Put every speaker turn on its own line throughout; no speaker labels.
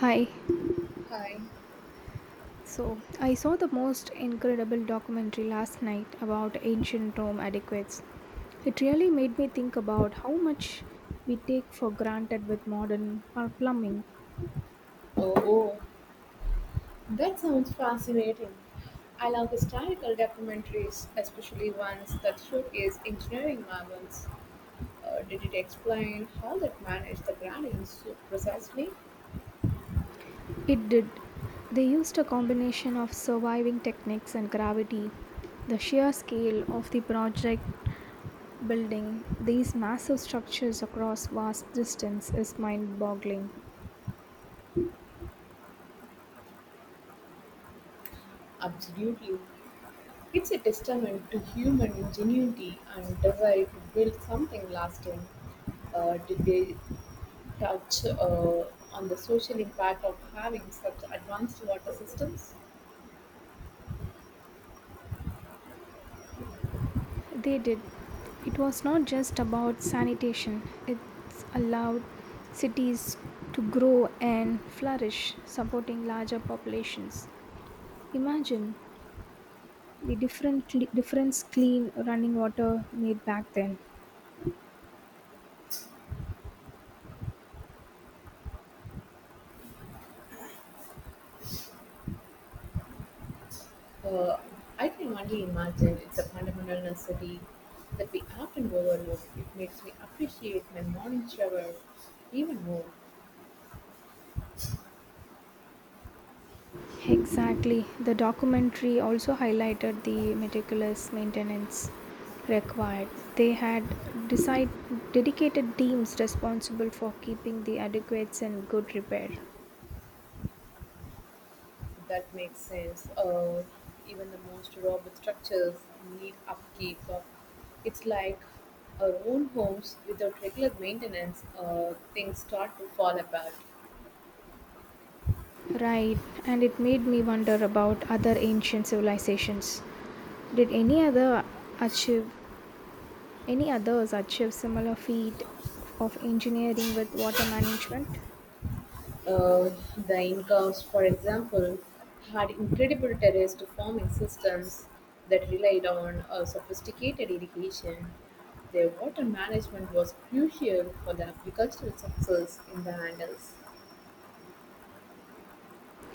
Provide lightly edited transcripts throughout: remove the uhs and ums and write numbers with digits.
Hi.
Hi.
So, I saw the most incredible documentary last night about ancient Rome adequates. It really made me think about how much we take for granted with modern plumbing.
Oh, oh, that sounds fascinating. I love historical documentaries, especially ones that showcase engineering marvels. Did it explain how that managed the granite so precisely?
It did. They used a combination of surviving techniques and gravity. The sheer scale of the project building these massive structures across vast distance is mind boggling.
Absolutely. It's a testament to human ingenuity and desire to build something lasting. Did they touch on the social impact of having such advanced water systems?
They did. It was not just about sanitation, it allowed cities to grow and flourish, supporting larger populations. Imagine the difference clean running water made back then.
Uh, I can only imagine it's a fundamental necessity that we often overlook. It makes me appreciate my morning shower even more.
Exactly. The documentary also highlighted the meticulous maintenance required. They had decide, dedicated teams responsible for keeping the adequates in good repair.
That makes sense. Even the most robust structures need upkeep. It's like our own homes without regular maintenance, things start to fall apart.
Right, and it made me wonder about other ancient civilizations. Did any other achieve Any others achieve similar feat of engineering with water management?
Uh, the Incas, for example, had incredible terraced farming systems that relied on sophisticated irrigation. Their water management was crucial for the agricultural success in the Andes.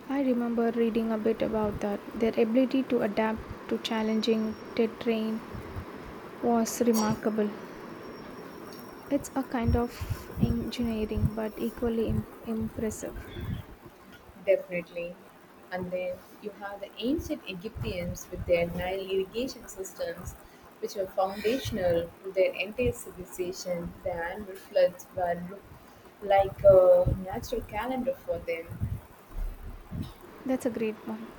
I remember reading a bit about that. Their ability to adapt to challenging terrain was remarkable. It's a kind of engineering but equally impressive.
Definitely. And then you have the ancient Egyptians with their Nile irrigation systems, which were foundational to their entire civilization. The annual floods were looked like a natural calendar for them.
That's a great point.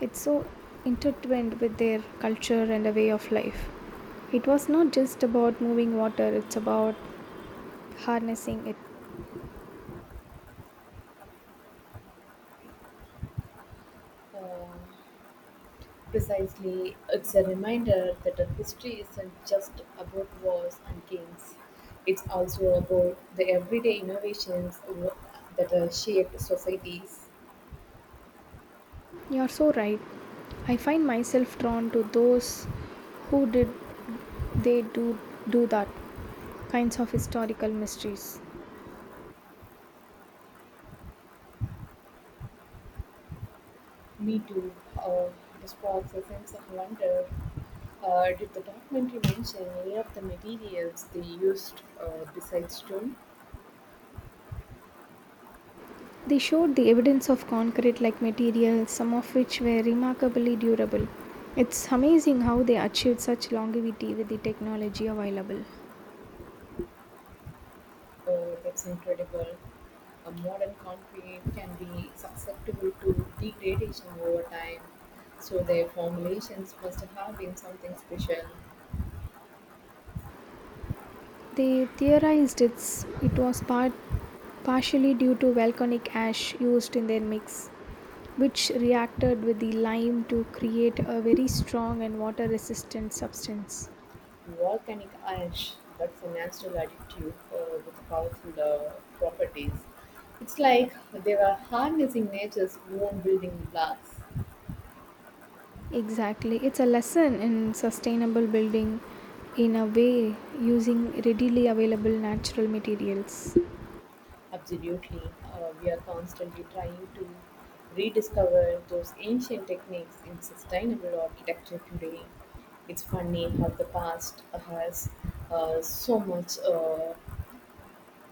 It's so intertwined with their culture and a way of life. It was not just about moving water, it's about harnessing it.
Uh, Precisely, it's a reminder that the history isn't just about wars and kings. It's also about the everyday innovations that have shaped societies.
You're so right. I find myself drawn to those who did they do do that kinds of historical mysteries.
Me too. Uh, the sparks a sense of wonder. Did the documentary mention any of the materials they used besides stone?
They showed the evidence of concrete like materials, some of which were remarkably durable. It's amazing how they achieved such longevity with the technology available.
That's incredible. A modern concrete can be susceptible to degradation over time, so their formulations must have been something special.
They theorized it's, it was part, partially due to volcanic ash used in their mix, which reacted with the lime to create a very strong and water resistant substance.
Volcanic ash, that's a natural additive with powerful properties. It's like they were harnessing nature's own building blocks.
Exactly. It's a lesson in sustainable building in a way using readily available natural materials.
Absolutely. We are constantly trying to rediscover those ancient techniques in sustainable architecture today. It's funny how the past has so much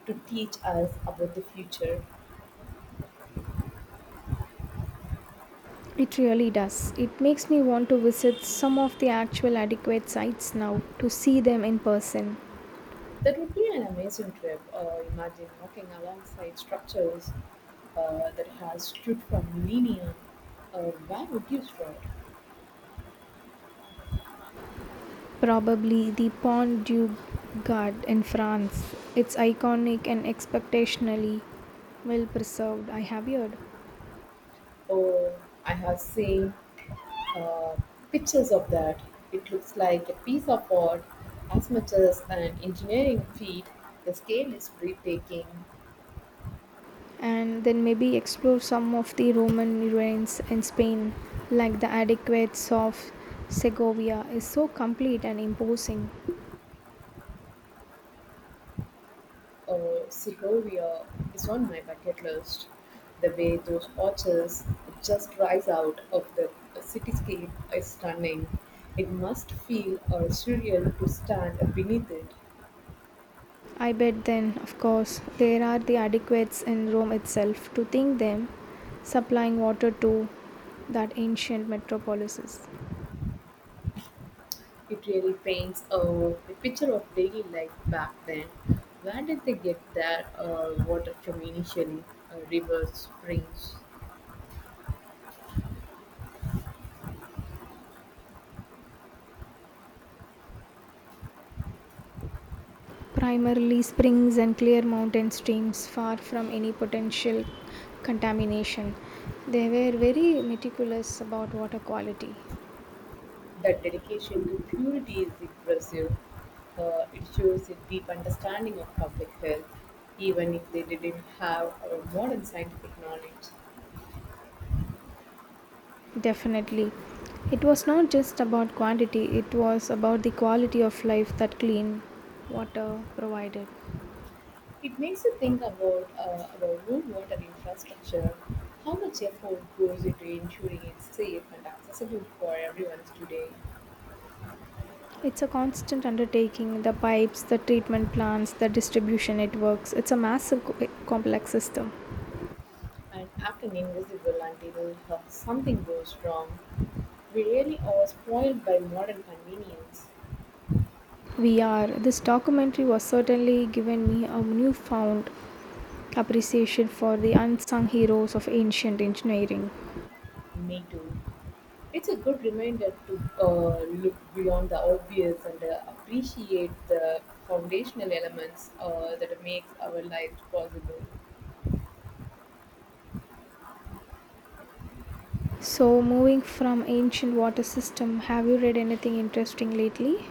to teach us about the future.
It really does. It makes me want to visit some of the actual adequate sites now to see them in person.
That would be an amazing trip. Imagine walking alongside structures that has stood for millennia. Where would you start?
Probably the Pont du Gard in France. It's iconic and exceptionally well preserved, I have heard.
Oh, I have seen uh, pictures of that. It looks like a piece of art as much as an engineering feat. The scale is breathtaking.
And then maybe explore some of the Roman ruins in Spain, like the Aqueducts of Segovia is so complete and imposing.
Segovia is on my bucket list. The way those arches just rise out of the cityscape is stunning. It must feel surreal to stand beneath it.
I bet then, of course, there are the Aqueducts in Rome itself to think them supplying water to that ancient metropolis.
It really paints a picture of daily life back then. Where did they get their water from initially? Rivers, springs.
Primarily springs and clear mountain streams far from any potential contamination. They were very meticulous about water quality.
That dedication to purity is impressive. It shows a deep understanding of public health, even if they didn't have modern scientific knowledge.
Definitely. It was not just about quantity, it was about the quality of life that clean water provided.
It makes you think about our own water infrastructure, how much effort goes into ensuring it's safe and accessible for everyone today.
It's a constant undertaking the pipes, the treatment plants, the distribution networks. It's a massive complex system.
And acting invisible until something goes wrong. We really are spoiled by modern convenience.
We are. This documentary was certainly given me a newfound appreciation for the unsung heroes of ancient engineering.
Me too. It's a good reminder to look beyond the obvious and appreciate the foundational elements that make our lives possible.
So, moving from ancient water system, have you read anything interesting lately?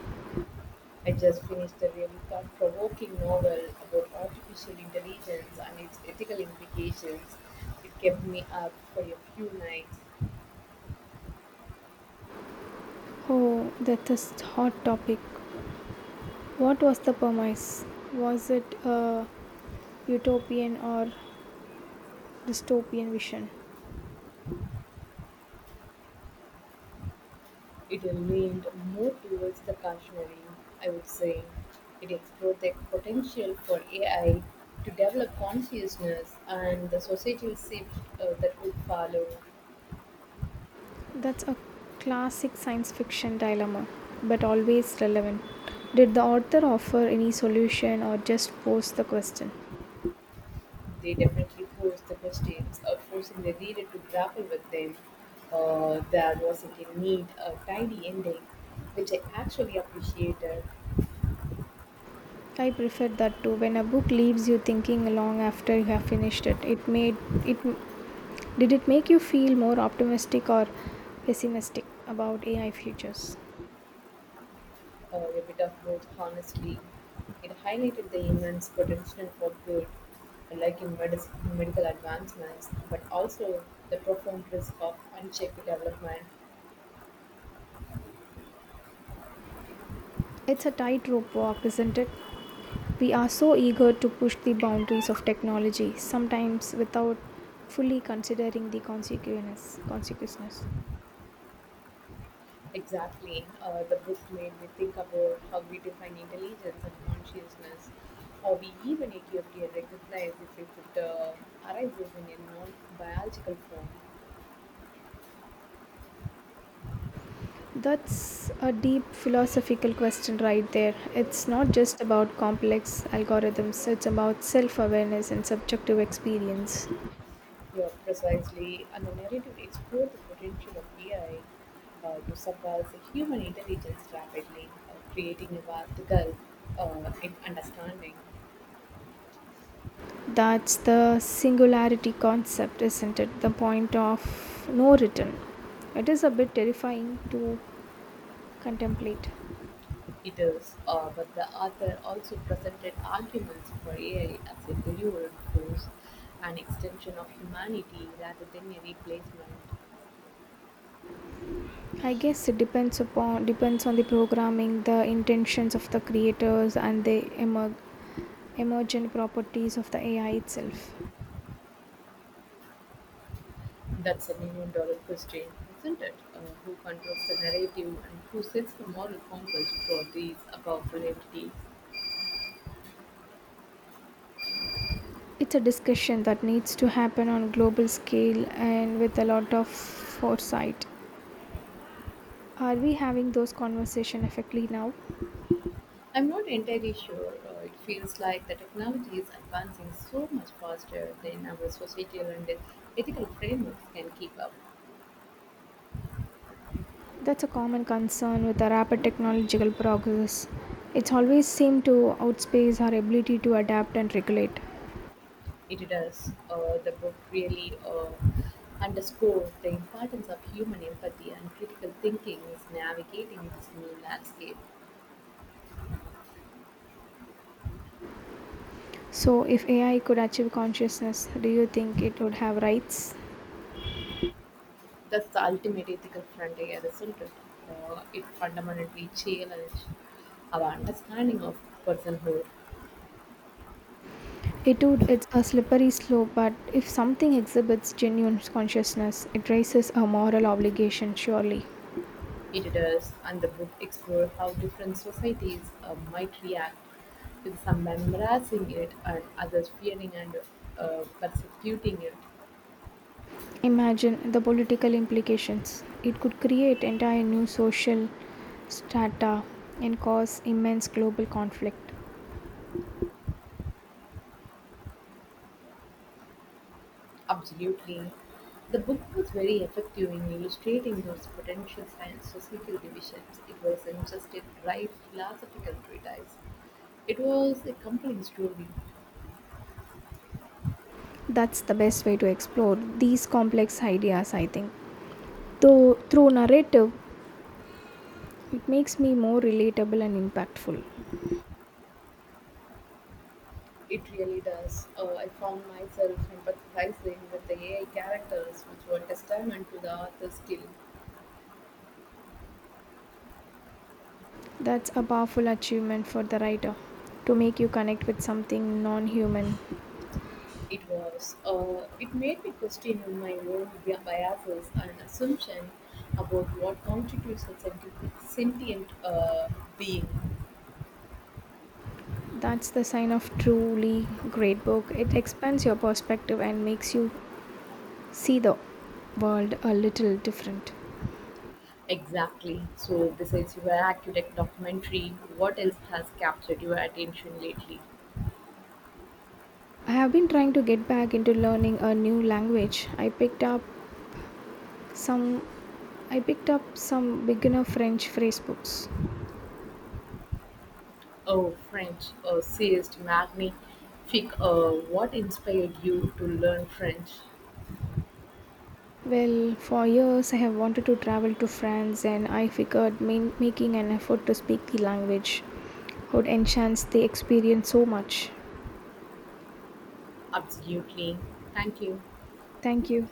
I just finished a really thought-provoking novel about artificial intelligence and its ethical implications. It kept me up for a few nights.
Oh, that is hot topic. What was the premise? Was it a utopian or dystopian vision?
It leaned more towards the cautionary, I would say. It explored the potential for AI to develop consciousness and the societal shift that would follow.
That's a classic science fiction dilemma, but always relevant. Did the author offer any solution or just pose the question?
They definitely posed the questions, forcing the reader to grapple with them. There wasn't a neat, tidy ending, which I actually appreciated.
I prefer that too. When a book leaves you thinking long after you have finished it, it made it did it make you feel more optimistic or pessimistic about AI futures?
Or a bit of both, honestly. It highlighted the immense potential for good, like in medical advancements, but also the profound risk of unchecked development.
It's a tightrope walk, isn't it? We are so eager to push the boundaries of technology, sometimes without fully considering the consequences.
Exactly. The book made me think about how we define intelligence and consciousness, or we even accurately recognize if we could arise in a non biological form.
That's a deep philosophical question right there. It's not just about complex algorithms, it's about self awareness and subjective experience.
Yeah, precisely. And the narrative explores the potential of AI to surpass the human intelligence rapidly, creating a vertical in understanding.
That's the singularity concept, isn't it? The point of no return. It is a bit terrifying to contemplate.
It is, but the author also presented arguments for AI as a delivered force, an extension of humanity rather than a replacement.
I guess it depends upon depends on the programming, the intentions of the creators, and the emergent properties of the AI itself.
That's a million dollar question, isn't it? Who controls the narrative and who sets the moral compass for these powerful entities?
It's a discussion that needs to happen on a global scale and with a lot of foresight. Are we having those conversations effectively now?
I'm not entirely sure. It feels like the technology is advancing so much faster than our societal and ethical frameworks can keep up.
That's a common concern with the rapid technological progress. It's always seemed to outpace our ability to adapt and regulate.
It does. The book really underscores the importance of human empathy and critical thinking is navigating this new landscape.
So, if AI could achieve consciousness, do you think it would have rights?
That's the ultimate ethical frontier, isn't it? It fundamentally challenges our understanding of personhood.
It would, it's a slippery slope, but if something exhibits genuine consciousness, it raises a moral obligation, surely.
It does, and the book explores how different societies might react, with some embracing it and others fearing and persecuting it.
Imagine the political implications. It could create entire new social strata and cause immense global conflict.
Absolutely. The book was very effective in illustrating those potential science societal divisions. It wasn't just a dry philosophical treatise, it was a compelling story.
That's the best way to explore these complex ideas, I think. Though through narrative, it makes me more relatable and impactful.
It really does. I found myself empathizing with the AI characters, which were testament to the author's skill.
That's a powerful achievement for the writer to make you connect with something non human.
It was. It made me question my own biases and assumption about what constitutes a sentient being.
That's the sign of truly great book. It expands your perspective and makes you see the world a little different.
Exactly. So, besides your architect documentary, what else has captured your attention lately?
I have been trying to get back into learning a new language. Some I picked up some beginner French phrase books.
Oh, French, seriously, magnifique. What inspired you to learn French?
Well, for years I have wanted to travel to France and I figured making an effort to speak the language would enhance the experience so much.
Absolutely. Thank you.
Thank you.